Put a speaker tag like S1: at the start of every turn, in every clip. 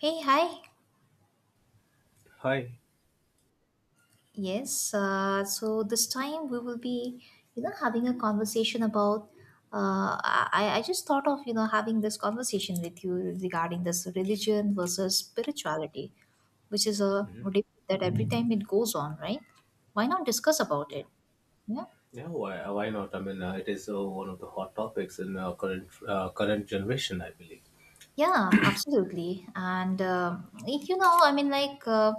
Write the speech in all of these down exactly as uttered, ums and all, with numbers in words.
S1: Hey, hi.
S2: Hi.
S1: Yes, uh, so this time we will be, you know, having a conversation about. Uh, I, I just thought of, you know, having this conversation with you regarding this religion versus spirituality, which is a
S2: Mhm.
S1: debate that every time it goes on, right? Why not discuss about it? Yeah.
S2: Yeah, why, why not? I mean, uh, it is uh, one of the hot topics in uh, current uh, current generation, I believe.
S1: Yeah, absolutely. And uh, you know, I mean, like, uh,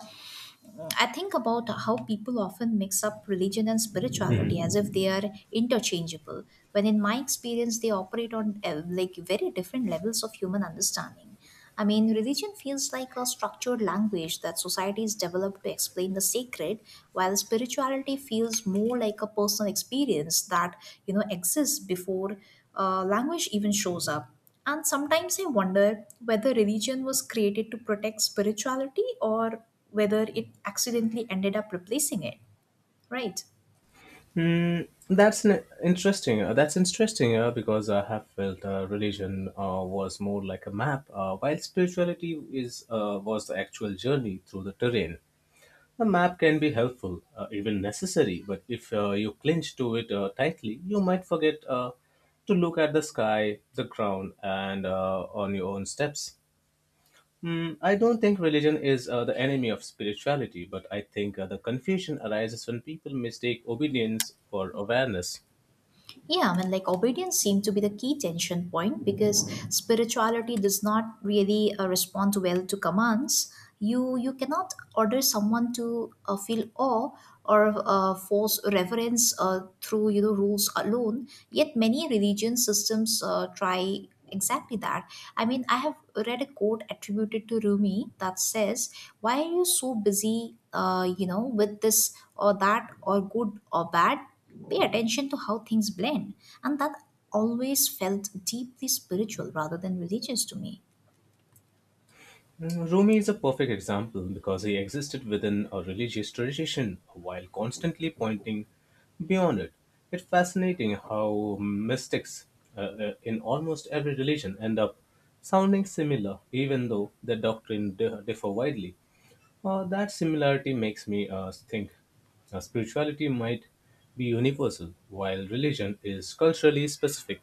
S1: I think about how people often mix up religion and
S2: Mhm.
S1: spirituality as if they are interchangeable, when in my experience, they operate on uh, like very different levels of human understanding. I mean, religion feels like a structured language that societies develop to explain the sacred, while spirituality feels more like a personal experience that, you know, exists before uh, language even shows up and sometimes I wonder whether religion was created to protect spirituality or whether it accidentally ended up replacing it, right?
S2: Mm, that's an interesting. Uh, that's interesting uh, because I have felt uh, religion uh, was more like a map, uh, while spirituality is uh, was the actual journey through the terrain. A map can be helpful, uh, even necessary, but if uh, you clinch to it uh, tightly, you might forget uh, to look at the sky, the ground, and uh, on your own steps. Hmm, I don't think religion is uh, the enemy of spirituality, but I think uh, the confusion arises when people mistake obedience for awareness.
S1: Yeah, I mean, like obedience seemed to be the key tension point because spirituality does not really uh, respond well to commands. You you cannot order someone to uh, feel awe or uh, force reverence uh, through you know rules alone. Yet many religion systems uh, try exactly that. I mean, I have read a quote attributed to Rumi that says, "Why are you so busy, uh, you know, with this or that or good or bad?" Pay attention to how things blend, and that always felt deeply spiritual rather than religious to me.
S2: Mm, Rumi is a perfect example because he existed within a religious tradition while constantly pointing beyond it. It's fascinating how mystics uh, uh, in almost every religion end up sounding similar, even though their doctrine di- differ widely. Uh, that similarity makes me uh, think uh, spirituality might be universal, while religion is culturally specific.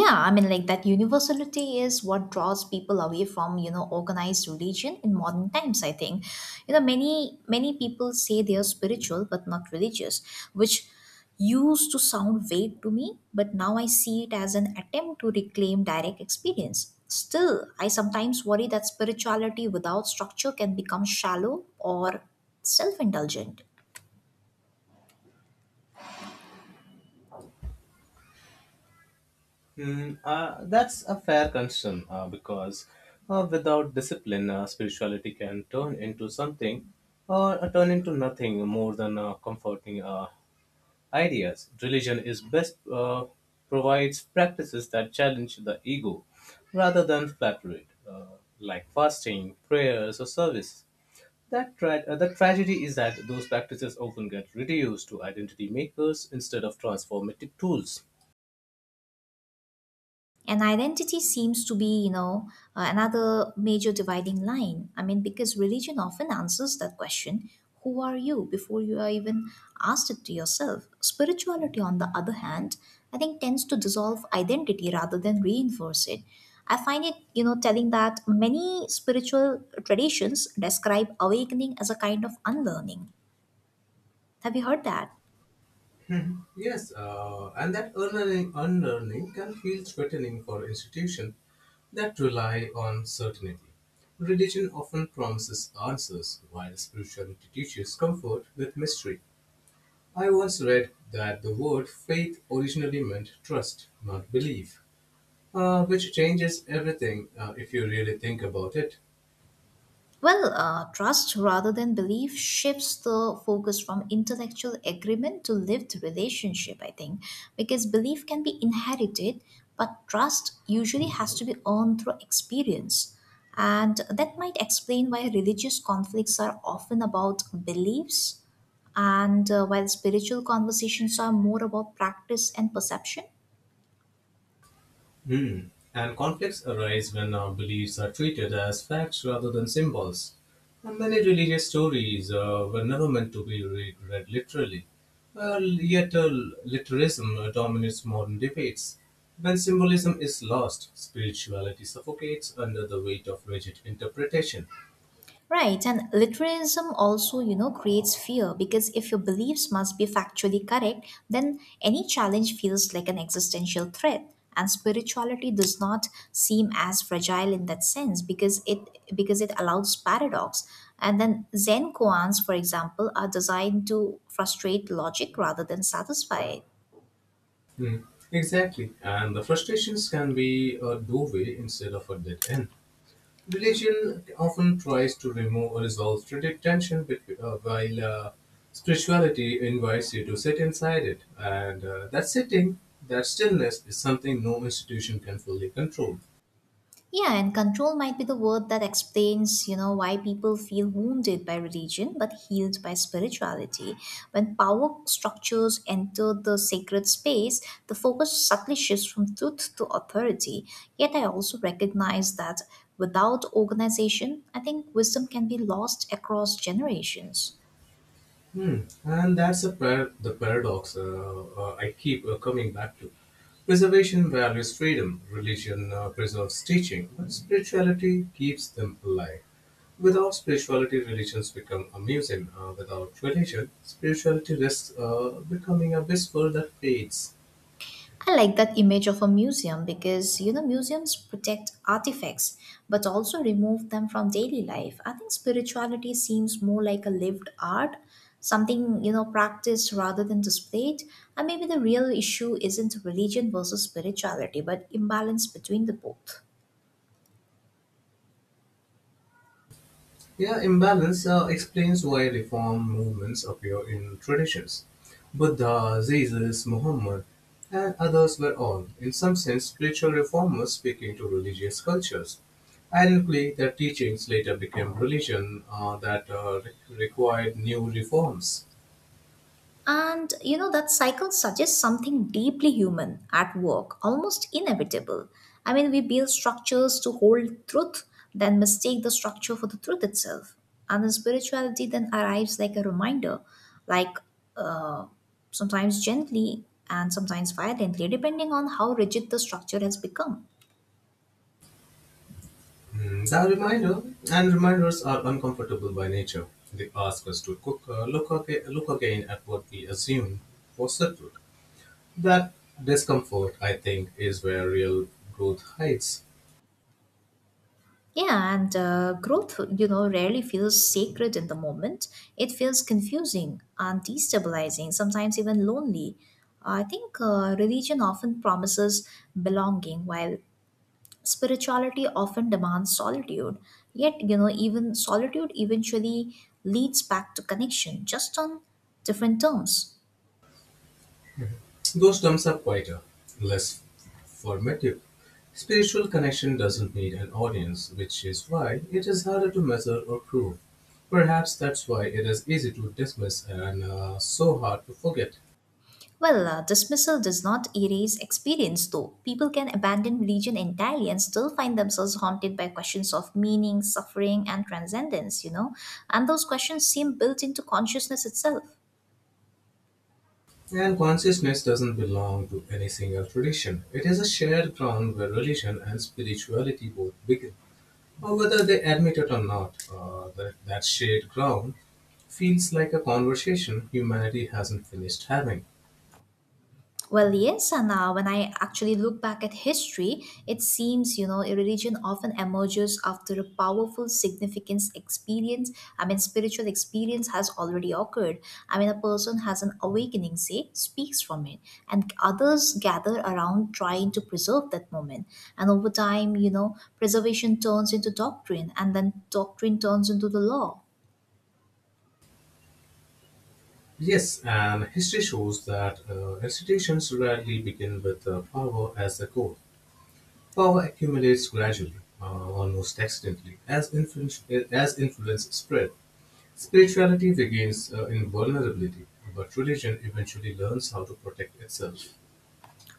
S1: Yeah, I mean, like that universality is what draws people away from you know organized religion in modern times. I think you know many many people say they are spiritual but not religious, which used to sound vague to me, but now I see it as an attempt to reclaim direct experience. Still, I sometimes worry that spirituality without structure can become shallow or self-indulgent.
S2: Hmm, uh, that's a fair concern uh, because uh, without discipline, uh, spirituality can turn into something or uh, turn into nothing more than uh, comforting uh, ideas. Religion is best uh, provides practices that challenge the ego rather than flatter it, uh, like fasting, prayers, or service. That tra- uh, the tragedy is that those practices often get reduced to identity makers instead of transformative tools.
S1: And identity seems to be, you know, uh, another major dividing line. I mean, because religion often answers that question, who are you before you are even asked it to yourself. Spirituality, on the other hand, I think tends to dissolve identity rather than reinforce it. I find it, you know, telling that many spiritual traditions describe awakening as a kind of unlearning. Have you heard that?
S2: Yes, uh, and that unlearning, unlearning can feel threatening for institutions that rely on certainty. Religion often promises answers, while spirituality teaches comfort with mystery. I once read that the word faith originally meant trust, not belief, uh, which changes everything uh, if you really think about it.
S1: Well, uh, trust rather than belief shifts the focus from intellectual agreement to lived relationship, I think, because belief can be inherited, but trust usually has to be earned through experience. And that might explain why religious conflicts are often about beliefs, and uh, while spiritual conversations are more about practice and perception.
S2: Hmm. And conflicts arise when our beliefs are treated as facts rather than symbols. And many religious stories uh, were never meant to be re- read literally. Well, yet uh, literalism uh, dominates modern debates. When symbolism is lost, spirituality suffocates under the weight of rigid interpretation.
S1: Right, and literalism also, you know, creates fear, because if your beliefs must be factually correct, then any challenge feels like an existential threat. And spirituality does not seem as fragile in that sense because it because it allows paradox. And then Zen koans, for example, are designed to frustrate logic rather than satisfy it.
S2: Hmm. Exactly. And the frustrations can be a doorway instead of a dead end. Religion often tries to remove or resolve strategic tension, between, uh, while uh, spirituality invites you to sit inside it. And uh, that sitting, that stillness, is something no institution can fully control.
S1: Yeah, and control might be the word that explains, you know, why people feel wounded by religion but healed by spirituality. When power structures enter the sacred space, the focus subtly shifts from truth to authority. Yet I also recognize that without organization, I think wisdom can be lost across generations.
S2: Hmm. And that's a par- the paradox uh, uh, I keep uh, coming back to. Preservation values freedom, religion uh, preserves teaching, but spirituality keeps them alive. Without spirituality, religions become a museum. Uh, without religion, spirituality risks uh, becoming a whisper that fades.
S1: I like that image of a museum, because you know museums protect artifacts but also remove them from daily life. I think spirituality seems more like a lived art, something you know practiced rather than displayed. And maybe the real issue isn't religion versus spirituality but imbalance between the both.
S2: Yeah, imbalance uh, explains why reform movements appear in traditions. Buddha, Jesus, Muhammad, and others were all, in some sense, spiritual reformers speaking to religious cultures. Ironically, their teachings later became religion uh, that uh, re- required new reforms.
S1: And you know, that cycle suggests something deeply human at work, almost inevitable. I mean, we build structures to hold truth, then mistake the structure for the truth itself. And the spirituality then arrives like a reminder, like uh, sometimes gently and sometimes violently, depending on how rigid the structure has become.
S2: Mm, The reminder and reminders are uncomfortable by nature. They ask us to cook, uh, look, aga- look again at what we assume was settled. That discomfort, I think, is where real growth hides.
S1: Yeah, and uh, growth, you know, rarely feels sacred in the moment. It feels confusing and destabilizing, sometimes even lonely. I think uh, religion often promises belonging, while spirituality often demands solitude. Yet, you know, even solitude eventually leads back to connection, just on different terms.
S2: Those terms are quieter, less formative. Spiritual connection doesn't need an audience, which is why it is harder to measure or prove. Perhaps that's why it is easy to dismiss and uh, so hard to forget.
S1: Well, uh, dismissal does not erase experience, though. People can abandon religion entirely and still find themselves haunted by questions of meaning, suffering, and transcendence, you know? And those questions seem built into consciousness itself.
S2: And consciousness doesn't belong to any single tradition. It is a shared ground where religion and spirituality both begin. Or whether they admit it or not, uh, that, that shared ground feels like a conversation humanity hasn't finished having.
S1: Well, yes, and uh, when I actually look back at history, it seems, you know, a religion often emerges after a powerful, significance experience. I mean, spiritual experience has already occurred. I mean, a person has an awakening, say, speaks from it, and others gather around trying to preserve that moment. And over time, you know, preservation turns into doctrine, and then doctrine turns into the law.
S2: Yes, and history shows that uh, institutions rarely begin with uh, power as the core. Power accumulates gradually, uh, almost accidentally, as influence, as influence spread. Spirituality begins uh, in vulnerability, but religion eventually learns how to protect itself.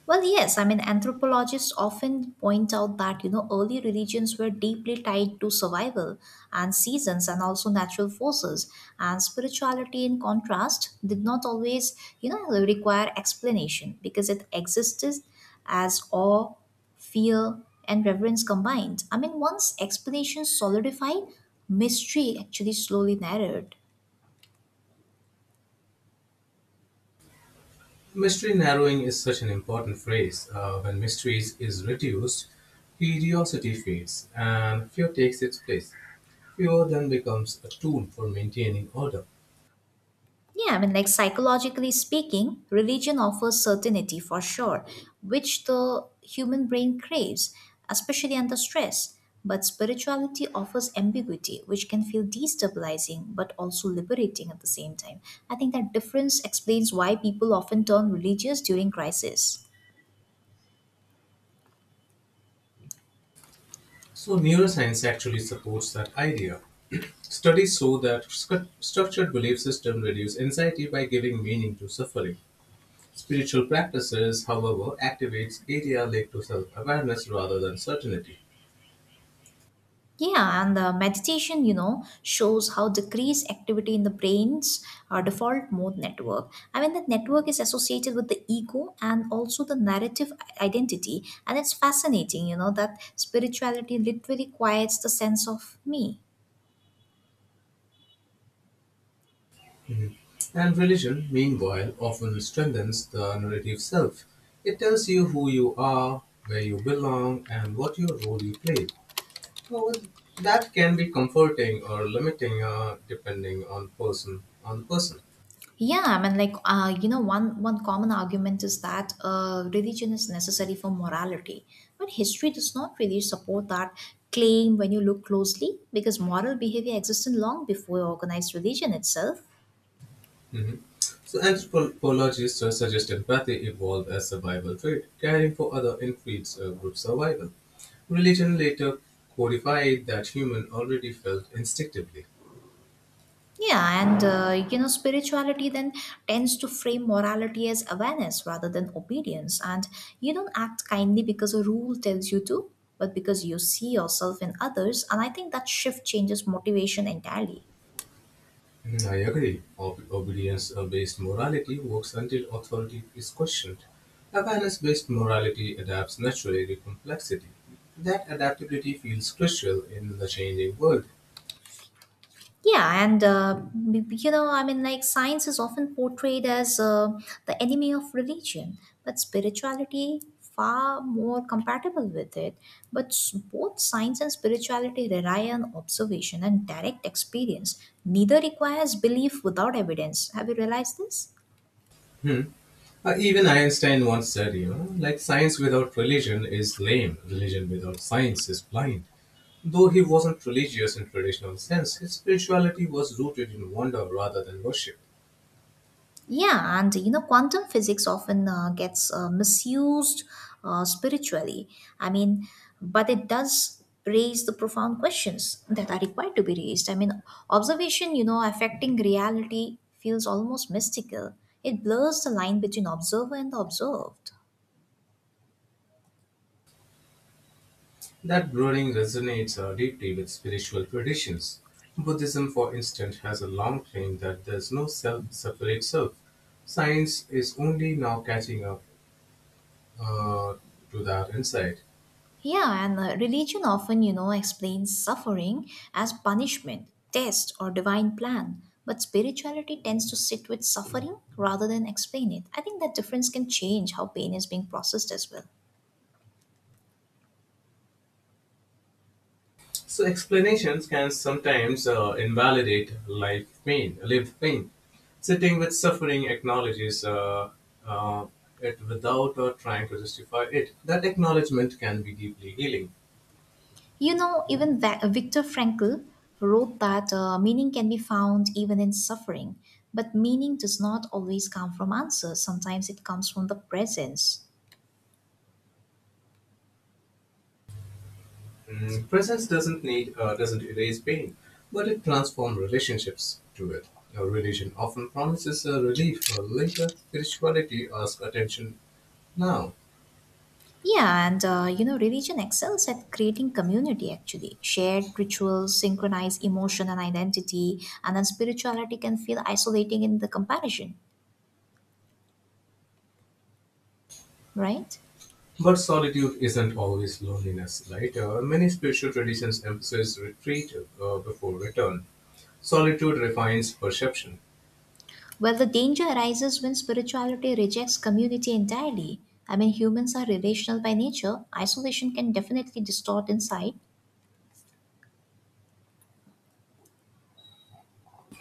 S1: Well, yes, I mean, anthropologists often point out that, you know, early religions were deeply tied to survival and seasons and also natural forces. And spirituality, in contrast, did not always, you know, require explanation, because it existed as awe, fear, and reverence combined. I mean, once explanations solidified, mystery actually slowly narrowed.
S2: Mystery narrowing is such an important phrase. Uh, when mysteries is reduced, curiosity fades and fear takes its place. Fear then becomes a tool for maintaining order.
S1: Yeah, I mean, like psychologically speaking, religion offers certainty for sure, which the human brain craves, especially under stress. But spirituality offers ambiguity, which can feel destabilizing but also liberating at the same time. I think that difference explains why people often turn religious during crisis.
S2: So, neuroscience actually supports that idea. Studies show that scu- structured belief systems reduce anxiety by giving meaning to suffering. Spiritual practices, however, activates area linked to self-awareness rather than certainty.
S1: Yeah, and the meditation, you know, shows how decreased activity in the brain's uh, default mode network. I mean, that network is associated with the ego and also the narrative identity. And it's fascinating, you know, that spirituality literally quiets the sense of me.
S2: And religion, meanwhile, often strengthens the narrative self. It tells you who you are, where you belong, and what your role you play. Well, that can be comforting or limiting, uh, depending on person on the person.
S1: Yeah, I mean, like uh, you know, one one common argument is that uh, religion is necessary for morality, but history does not really support that claim when you look closely, because moral behavior existed long before organized religion itself.
S2: Mhm. So anthropologists uh, suggest empathy evolved as survival trait, caring for other infeeds uh, group survival. Religion later codified that human already felt instinctively.
S1: Yeah, and uh, you know, spirituality then tends to frame morality as awareness rather than obedience, and you don't act kindly because a rule tells you to, but because you see yourself in others, and I think that shift changes motivation entirely.
S2: Mm, I agree. Ob- Obedience uh, based morality works until authority is questioned. Awareness based morality adapts naturally to complexity. That adaptability feels crucial in the changing world.
S1: Yeah, and uh, b- b- you know, I mean, like science is often portrayed as uh, the enemy of religion, but spirituality far more compatible with it. But s- both science and spirituality rely on observation and direct experience. Neither requires belief without evidence. Have you realized this?
S2: Hmm. Uh, even Einstein once said, you know, like science without religion is lame, religion without science is blind. Though he wasn't religious in traditional sense, his spirituality was rooted in wonder rather than worship.
S1: Yeah, and you know, quantum physics often uh, gets uh, misused uh, spiritually. I mean, but it does raise the profound questions that are required to be raised. I mean, observation, you know, affecting reality feels almost mystical. It blurs the line between observer and the observed.
S2: That brooding resonates uh, deeply with spiritual traditions. Buddhism, for instance, has a long claim that there's no self separate self. Science is only now catching up uh, to that insight.
S1: Yeah, and uh, religion often, you know, explains suffering as punishment, test, or divine plan. But spirituality tends to sit with suffering rather than explain it. I think that difference can change how pain is being processed as well.
S2: So explanations can sometimes uh, invalidate life pain, lived pain. Sitting with suffering acknowledges uh, uh, it without uh, trying to justify it. That acknowledgement can be deeply healing.
S1: You know, even Va- uh, Viktor Frankl wrote that uh, meaning can be found even in suffering, but meaning does not always come from answers. Sometimes it comes from the presence.
S2: Mm, Presence doesn't need uh, doesn't erase pain, but it transforms relationships to it. A religion often promises a relief for later. Spirituality asks attention now.
S1: Yeah, and uh, you know, religion excels at creating community actually. Shared rituals synchronize emotion and identity, and then spirituality can feel isolating in the comparison, right?
S2: But solitude isn't always loneliness, right? Uh, many spiritual traditions emphasize retreat uh, before return. Solitude refines perception.
S1: Well, the danger arises when spirituality rejects community entirely. I mean, humans are relational by nature. Isolation can definitely distort insight.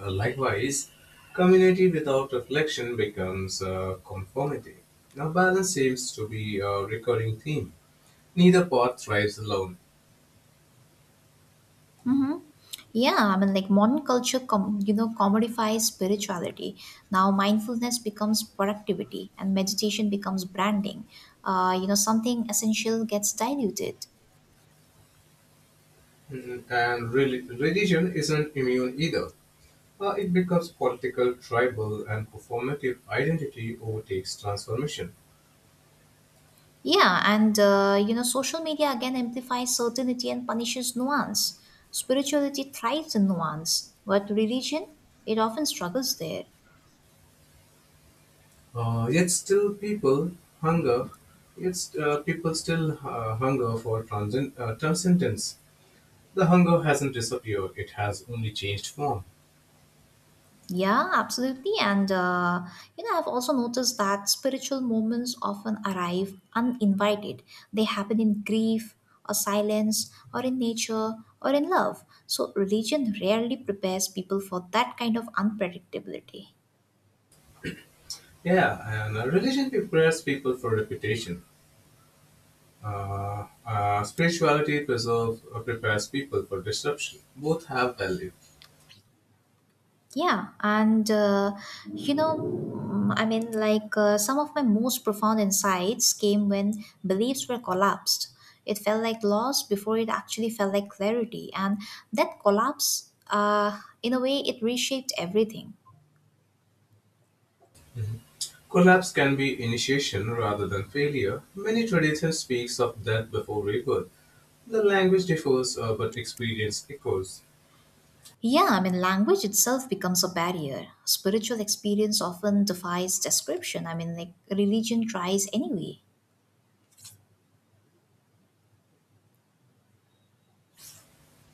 S2: Uh, likewise, community without reflection becomes uh, conformity. Now, balance seems to be a recurring theme. Neither path thrives alone.
S1: Mm-hmm. Yeah, I mean, like modern culture, com- you know, commodifies spirituality. Now, mindfulness becomes productivity, and meditation becomes branding. Uh, you know, something essential gets diluted.
S2: Mhm. And really, religion isn't immune either. Uh, it becomes political, tribal, and performative identity overtakes transformation.
S1: Yeah, and uh, you know, social media again amplifies certainty and punishes nuance. Spirituality thrives in nuance, but religion, it often struggles there.
S2: Uh, yet still people hunger, yet uh, people still uh, hunger for transcend, uh, transcendence. The hunger hasn't disappeared, it has only changed form.
S1: Yeah, absolutely. And, uh, you know, I've also noticed that spiritual moments often arrive uninvited. They happen in grief or silence or in nature or in love. So, religion rarely prepares people for that kind of unpredictability.
S2: Yeah, and uh, religion prepares people for reputation. Uh, uh, spirituality preserves, uh, prepares people for disruption. Both have value.
S1: Yeah, and uh, you know, mm, I mean, like uh, some of my most profound insights came when beliefs were collapsed. It felt like loss before it actually felt like clarity, and that collapse, uh, in a way, it reshaped everything.
S2: Collapse can be initiation rather than failure. Many traditions speaks of death before rebirth. The language differs, uh, but experience echoes.
S1: Yeah, I mean, language itself becomes a barrier. Spiritual experience often defies description. I mean, like religion tries anyway.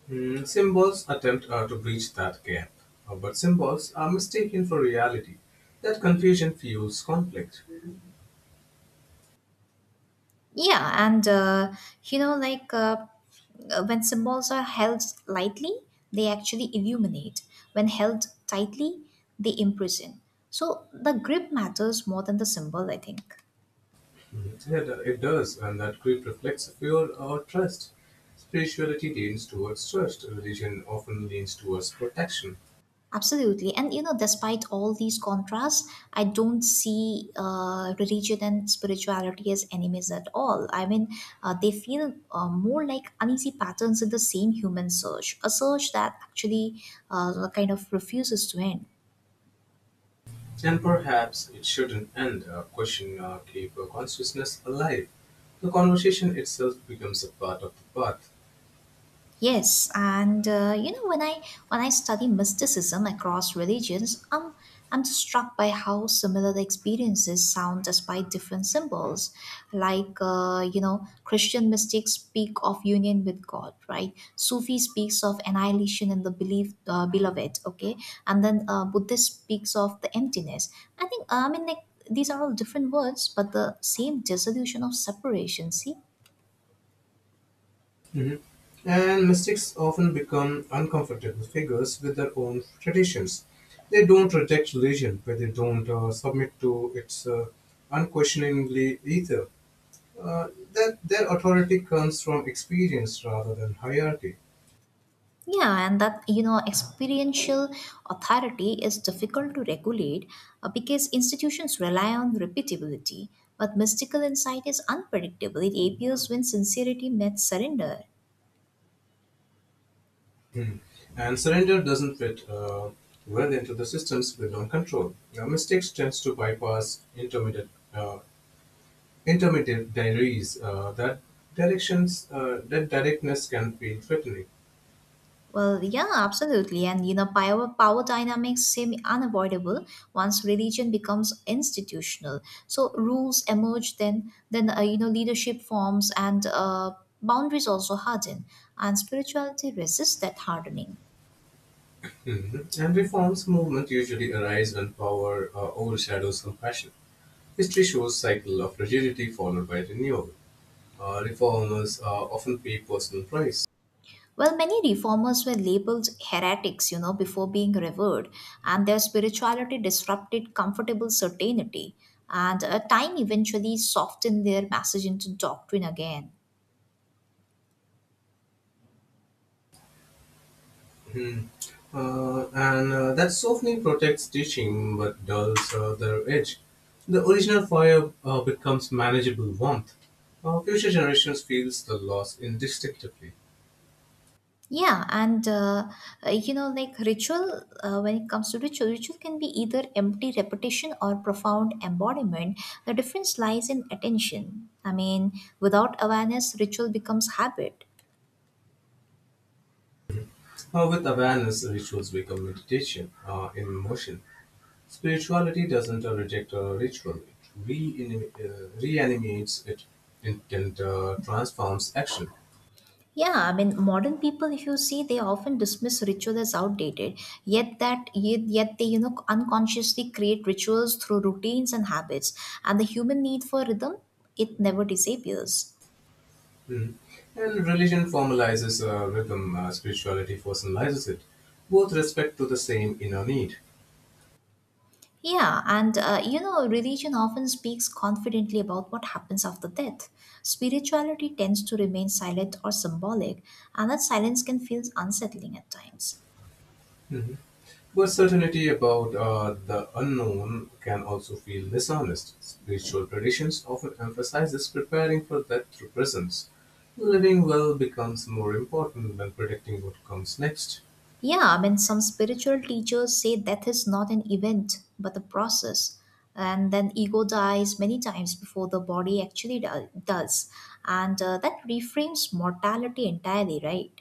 S2: Hmm, symbols attempt uh, to bridge that gap, Uh, but symbols are mistaken for reality. That confusion fuels conflict.
S1: Yeah, and uh, you know, like uh, uh, when symbols are held lightly, they actually illuminate. When held tightly, they imprison. So the grip matters more than the symbol, I think.
S2: Hmm, It, it does, and that grief reflects fear or trust. Spirituality leans towards trust. Religion often leans towards protection.
S1: Absolutely. And you know, despite all these contrasts, I don't see uh, religion and spirituality as enemies at all. I mean, uh, they feel uh, more like uneasy patterns in the same human search, a search that actually uh, kind of refuses to end.
S2: And perhaps it shouldn't end up questioning our keep our consciousness alive. The conversation itself becomes a part of the path.
S1: Yes, and uh, you know when I when I study mysticism across religions, um, I'm struck by how similar the experiences sound despite different symbols. Like uh, you know, Christian mystics speak of union with God, right? Sufi speaks of annihilation in the belief, uh, beloved, okay, and then uh, Buddhist speaks of the emptiness. I think uh, I mean like these are all different words, but the same dissolution of separation. See.
S2: Mhm. And mystics often become uncomfortable figures with their own traditions. They don't reject religion, but they don't uh, submit to its uh, unquestioningly either. Uh, that their authority comes from experience rather than hierarchy.
S1: Yeah, and that you know, experiential authority is difficult to regulate uh, because institutions rely on repeatability, but mystical insight is unpredictable. It appears when sincerity meets surrender.
S2: Mhm. And surrender doesn't fit uh, well into the systems built on control. Uh, mistakes tends to bypass intermediate uh, intermediate diaries uh, that directions uh, that directness can feel threatening.
S1: Well, yeah, absolutely, and you know, power power dynamics seem unavoidable once religion becomes institutional. So rules emerge, then then uh, you know, leadership forms and uh, boundaries also harden, and spirituality resists that hardening.
S2: Mhm. And reforms movement usually arise when power uh, overshadows compassion. History shows cycle of rigidity followed by renewal. Uh, reformers uh, often pay personal price.
S1: Well, many reformers were labeled heretics, you know, before being revered, and their spirituality disrupted comfortable certainty, and uh, time eventually softened their message into doctrine again.
S2: Hmm. Uh, and uh, that softening protects teaching but dulls uh, the edge. The original fire uh, becomes manageable warmth. Uh, future generations feels the loss indistinctively.
S1: Yeah, and uh, uh, you know, like ritual, uh, When it comes to ritual, ritual can be either empty repetition or profound embodiment. The difference lies in attention. I mean, without awareness, ritual becomes habit.
S2: Uh, with awareness, rituals become meditation uh, in motion. Spirituality doesn't uh, reject a ritual; it reanima- uh, reanimates it and uh, transforms action.
S1: Yeah, I mean, modern people, if you see, they often dismiss ritual as outdated. Yet that, yet, yet they, you know, unconsciously create rituals through routines and habits, and the human need for rhythm, it never disappears.
S2: Mhm. And religion formalizes uh, rhythm, uh, spirituality personalizes it. Both respect to the same inner need.
S1: Yeah, and uh, you know, religion often speaks confidently about what happens after death. Spirituality tends to remain silent or symbolic, and that silence can feel unsettling at times.
S2: Mhm. But certainty about uh, the unknown can also feel dishonest. Spiritual traditions often emphasizes preparing for that through presence. Living well becomes more important than predicting what comes next.
S1: Yeah, I mean, some spiritual teachers say death is not an event, but a process. And then ego dies many times before the body actually do- does. And uh, that reframes mortality entirely, right?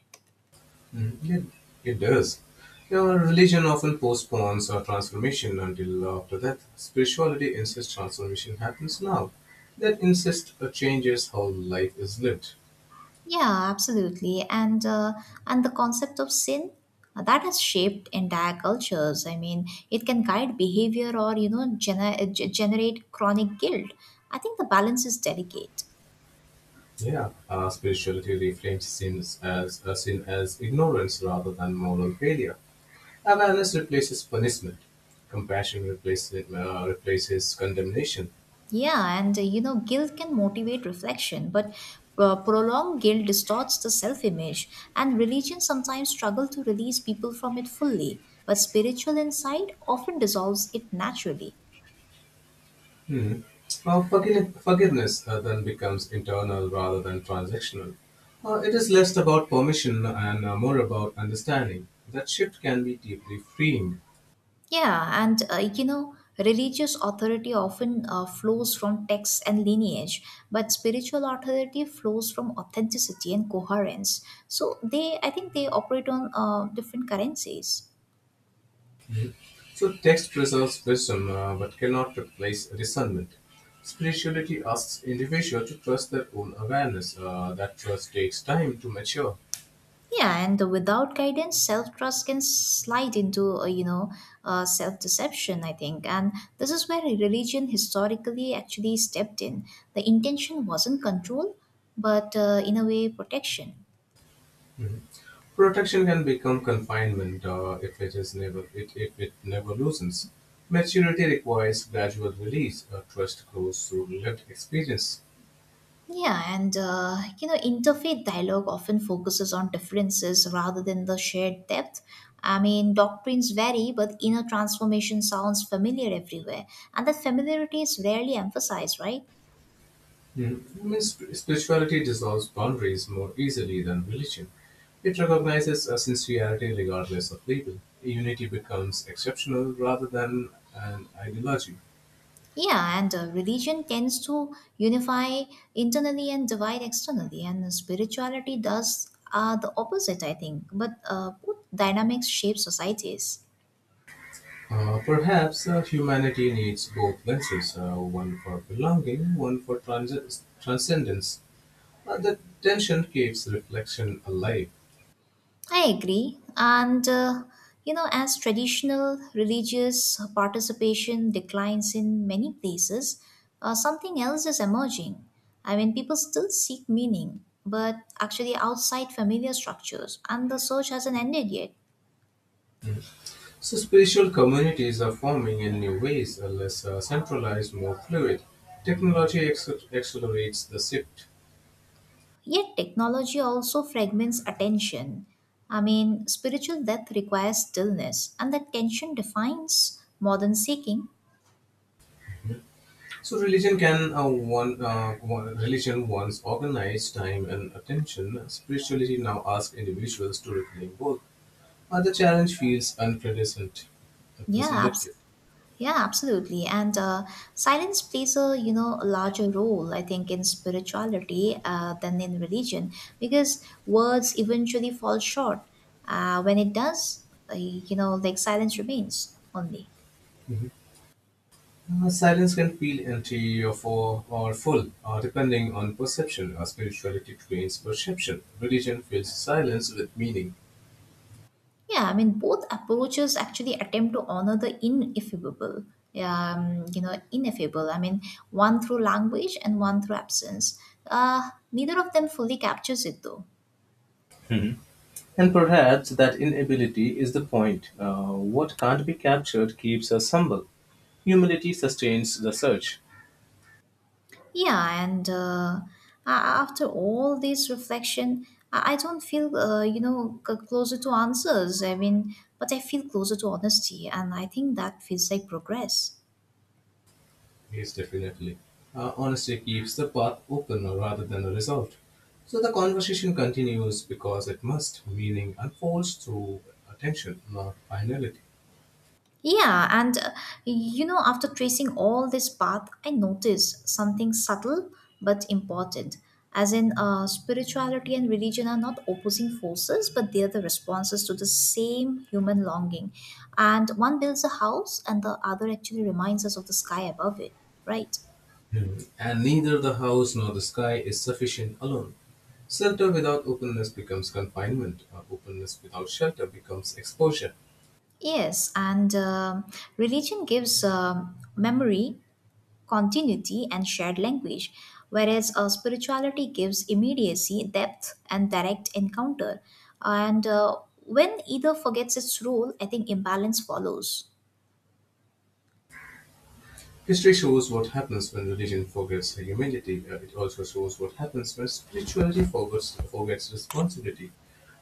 S2: Mm, It, it does. Now, religion often postpones our transformation until after death. Spirituality insists transformation happens now. That insist uh, changes how life is lived.
S1: Yeah, absolutely. And uh, and the concept of sin uh, that has shaped entire cultures. I mean, it can guide behavior or you know gener- uh, generate chronic guilt. I think the balance is delicate.
S2: Yeah, uh, spirituality reframes sins as uh, sin as ignorance rather than moral failure. Awareness replaces punishment. Compassion replaces uh, replaces condemnation.
S1: Yeah, and uh, you know, guilt can motivate reflection, but uh, prolonged guilt distorts the self image, and religion sometimes struggle to release people from it fully, but spiritual insight often dissolves it naturally.
S2: Uh, forgi- forgiveness uh, then becomes internal rather than transactional. Uh, it is less about permission and uh, more about understanding. That shift can be deeply freeing.
S1: Yeah, and uh, you know, religious authority often uh, flows from texts and lineage, but spiritual authority flows from authenticity and coherence. So they, I think, they operate on uh, different currencies.
S2: So, text preserves wisdom uh, but cannot replace discernment. Spirituality asks individuals to trust their own awareness. Uh, that trust takes time to mature.
S1: Yeah, and without guidance, self trust can slide into, uh, you know, uh, self deception, I think. And this is where religion historically actually stepped in. The intention wasn't control, but uh, in a way, protection.
S2: Protection can become confinement uh, if it is never it, if it never loosens. Maturity requires gradual release. Uh, trust grows through lived experience.
S1: Yeah, and, uh, you know, interfaith dialogue often focuses on differences rather than the shared depth. I mean, doctrines vary, but inner transformation sounds familiar everywhere. And that familiarity is rarely emphasized, right?
S2: Mhm. I mean, spirituality dissolves boundaries more easily than religion. It recognizes a sincerity regardless of label. Unity becomes exceptional rather than an ideology.
S1: Yeah, and uh, religion tends to unify internally and divide externally, and spirituality does uh, the opposite, I think. But uh, both dynamics shape societies.
S2: Uh, perhaps uh, humanity needs both lenses, uh, one for belonging, one for trans- transcendence. Uh, The tension keeps reflection alive.
S1: I agree. And, uh, you know, as traditional religious participation declines in many places, uh, something else is emerging. I mean, people still seek meaning, but actually outside familiar structures, and the search hasn't ended yet.
S2: So, spiritual communities are forming in new ways, are less uh, centralized, more fluid. Technology acc- accelerates the shift.
S1: Yet technology also fragments attention. I mean, spiritual depth requires stillness, and that tension defines modern seeking.
S2: So, religion can uh, one, uh, one religion once organized time and attention. Spirituality now asks individuals to reclaim both. Uh, the challenge feels unprecedented.
S1: Yeah,
S2: Unprecedented.
S1: abs- yeah, absolutely. And uh, silence plays a you know a larger role, I think, in spirituality uh, than in religion, because words eventually fall short. Uh, when it does, uh, you know, like silence remains only.
S2: Uh, silence can feel empty or, full- or full, uh, depending on perception. Uh, spirituality trains perception. Religion fills silence with meaning.
S1: Yeah, I mean, both approaches actually attempt to honor the ineffable. Yeah, um, you know, ineffable. I mean, one through language and one through absence. Uh, neither of them fully captures it, though.
S2: Mhm. And perhaps that inability is the point. Uh, what can't be captured keeps us humble. Humility sustains the search.
S1: Yeah, and uh, a- after all this reflection, I I don't feel, uh, you know, c- closer to answers. I mean, but I feel closer to honesty, and I think that feels like progress.
S2: Yes, definitely. Uh, honesty keeps the path open rather than resolved. So the conversation continues because it must, meaning unfolds through attention, not finality.
S1: Yeah, and uh, you know, after tracing all this path, I noticed something subtle but important. As in, uh, spirituality and religion are not opposing forces, but they are the responses to the same human longing. And one builds a house, and the other actually reminds us of the sky above it, right?
S2: Hmm. And neither the house nor the sky is sufficient alone. Shelter without openness becomes confinement, or openness without shelter becomes exposure.
S1: Yes, and um religion gives um memory continuity, and shared language, whereas uh, spirituality gives immediacy, depth, and direct encounter. And uh, when either forgets its role, I think imbalance follows.
S2: History shows what happens when religion forgets humanity. Uh, It also shows what happens when spirituality forgets, forgets responsibility.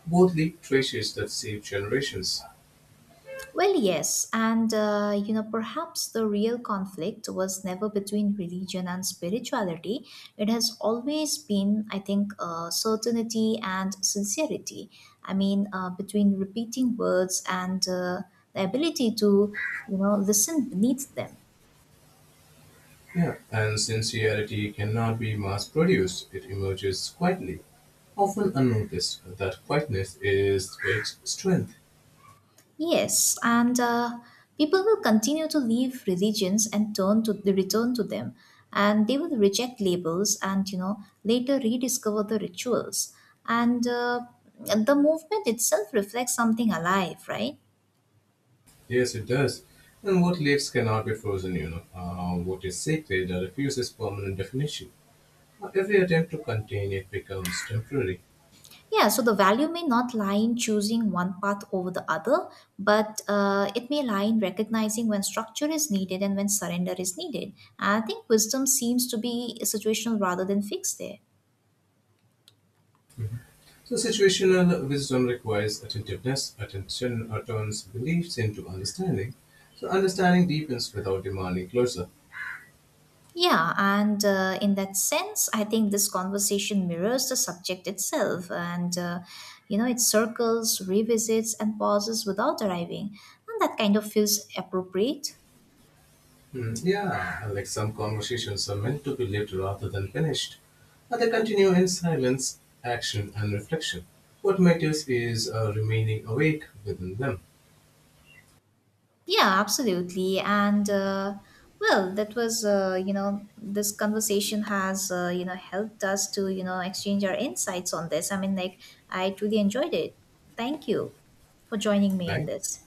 S2: Both leave traces that save generations.
S1: Well, yes, and uh, you know, perhaps the real conflict was never between religion and spirituality. It has always been, I think, uh, certainty and sincerity. I mean, uh, between repeating words and uh, the ability to, you know, listen beneath them.
S2: Yeah, and sincerity cannot be mass produced, it emerges quietly, often unnoticed. That quietness is great strength.
S1: Yes, and uh, people will continue to leave religions and turn to return to them, and they will reject labels and you know later rediscover the rituals. And uh, the movement itself reflects something alive, right?
S2: Yes, it does. And what lives cannot be frozen, you know. Uh, what is sacred refuses permanent definition. Uh, Every attempt to contain it becomes temporary.
S1: Yeah, so the value may not lie in choosing one path over the other, but uh, it may lie in recognizing when structure is needed and when surrender is needed. And I think wisdom seems to be situational rather than fixed there.
S2: So, situational wisdom requires attentiveness. Attention uh, turns beliefs into understanding. So, understanding deepens without demanding closure.
S1: Yeah, and uh, in that sense, I think this conversation mirrors the subject itself. And, uh, you know, it circles, revisits, and pauses without arriving. And that kind of feels appropriate.
S2: Hmm, yeah, like some conversations are meant to be lived rather than finished. But they continue in silence, action, and reflection. What matters is uh, remaining awake within them,
S1: Yeah, absolutely. And, uh, well, that was, uh, you know, this conversation has, uh, you know, helped us to, you know, exchange our insights on this. I mean, like, I truly enjoyed it. Thank you for joining me in
S2: right?
S1: this.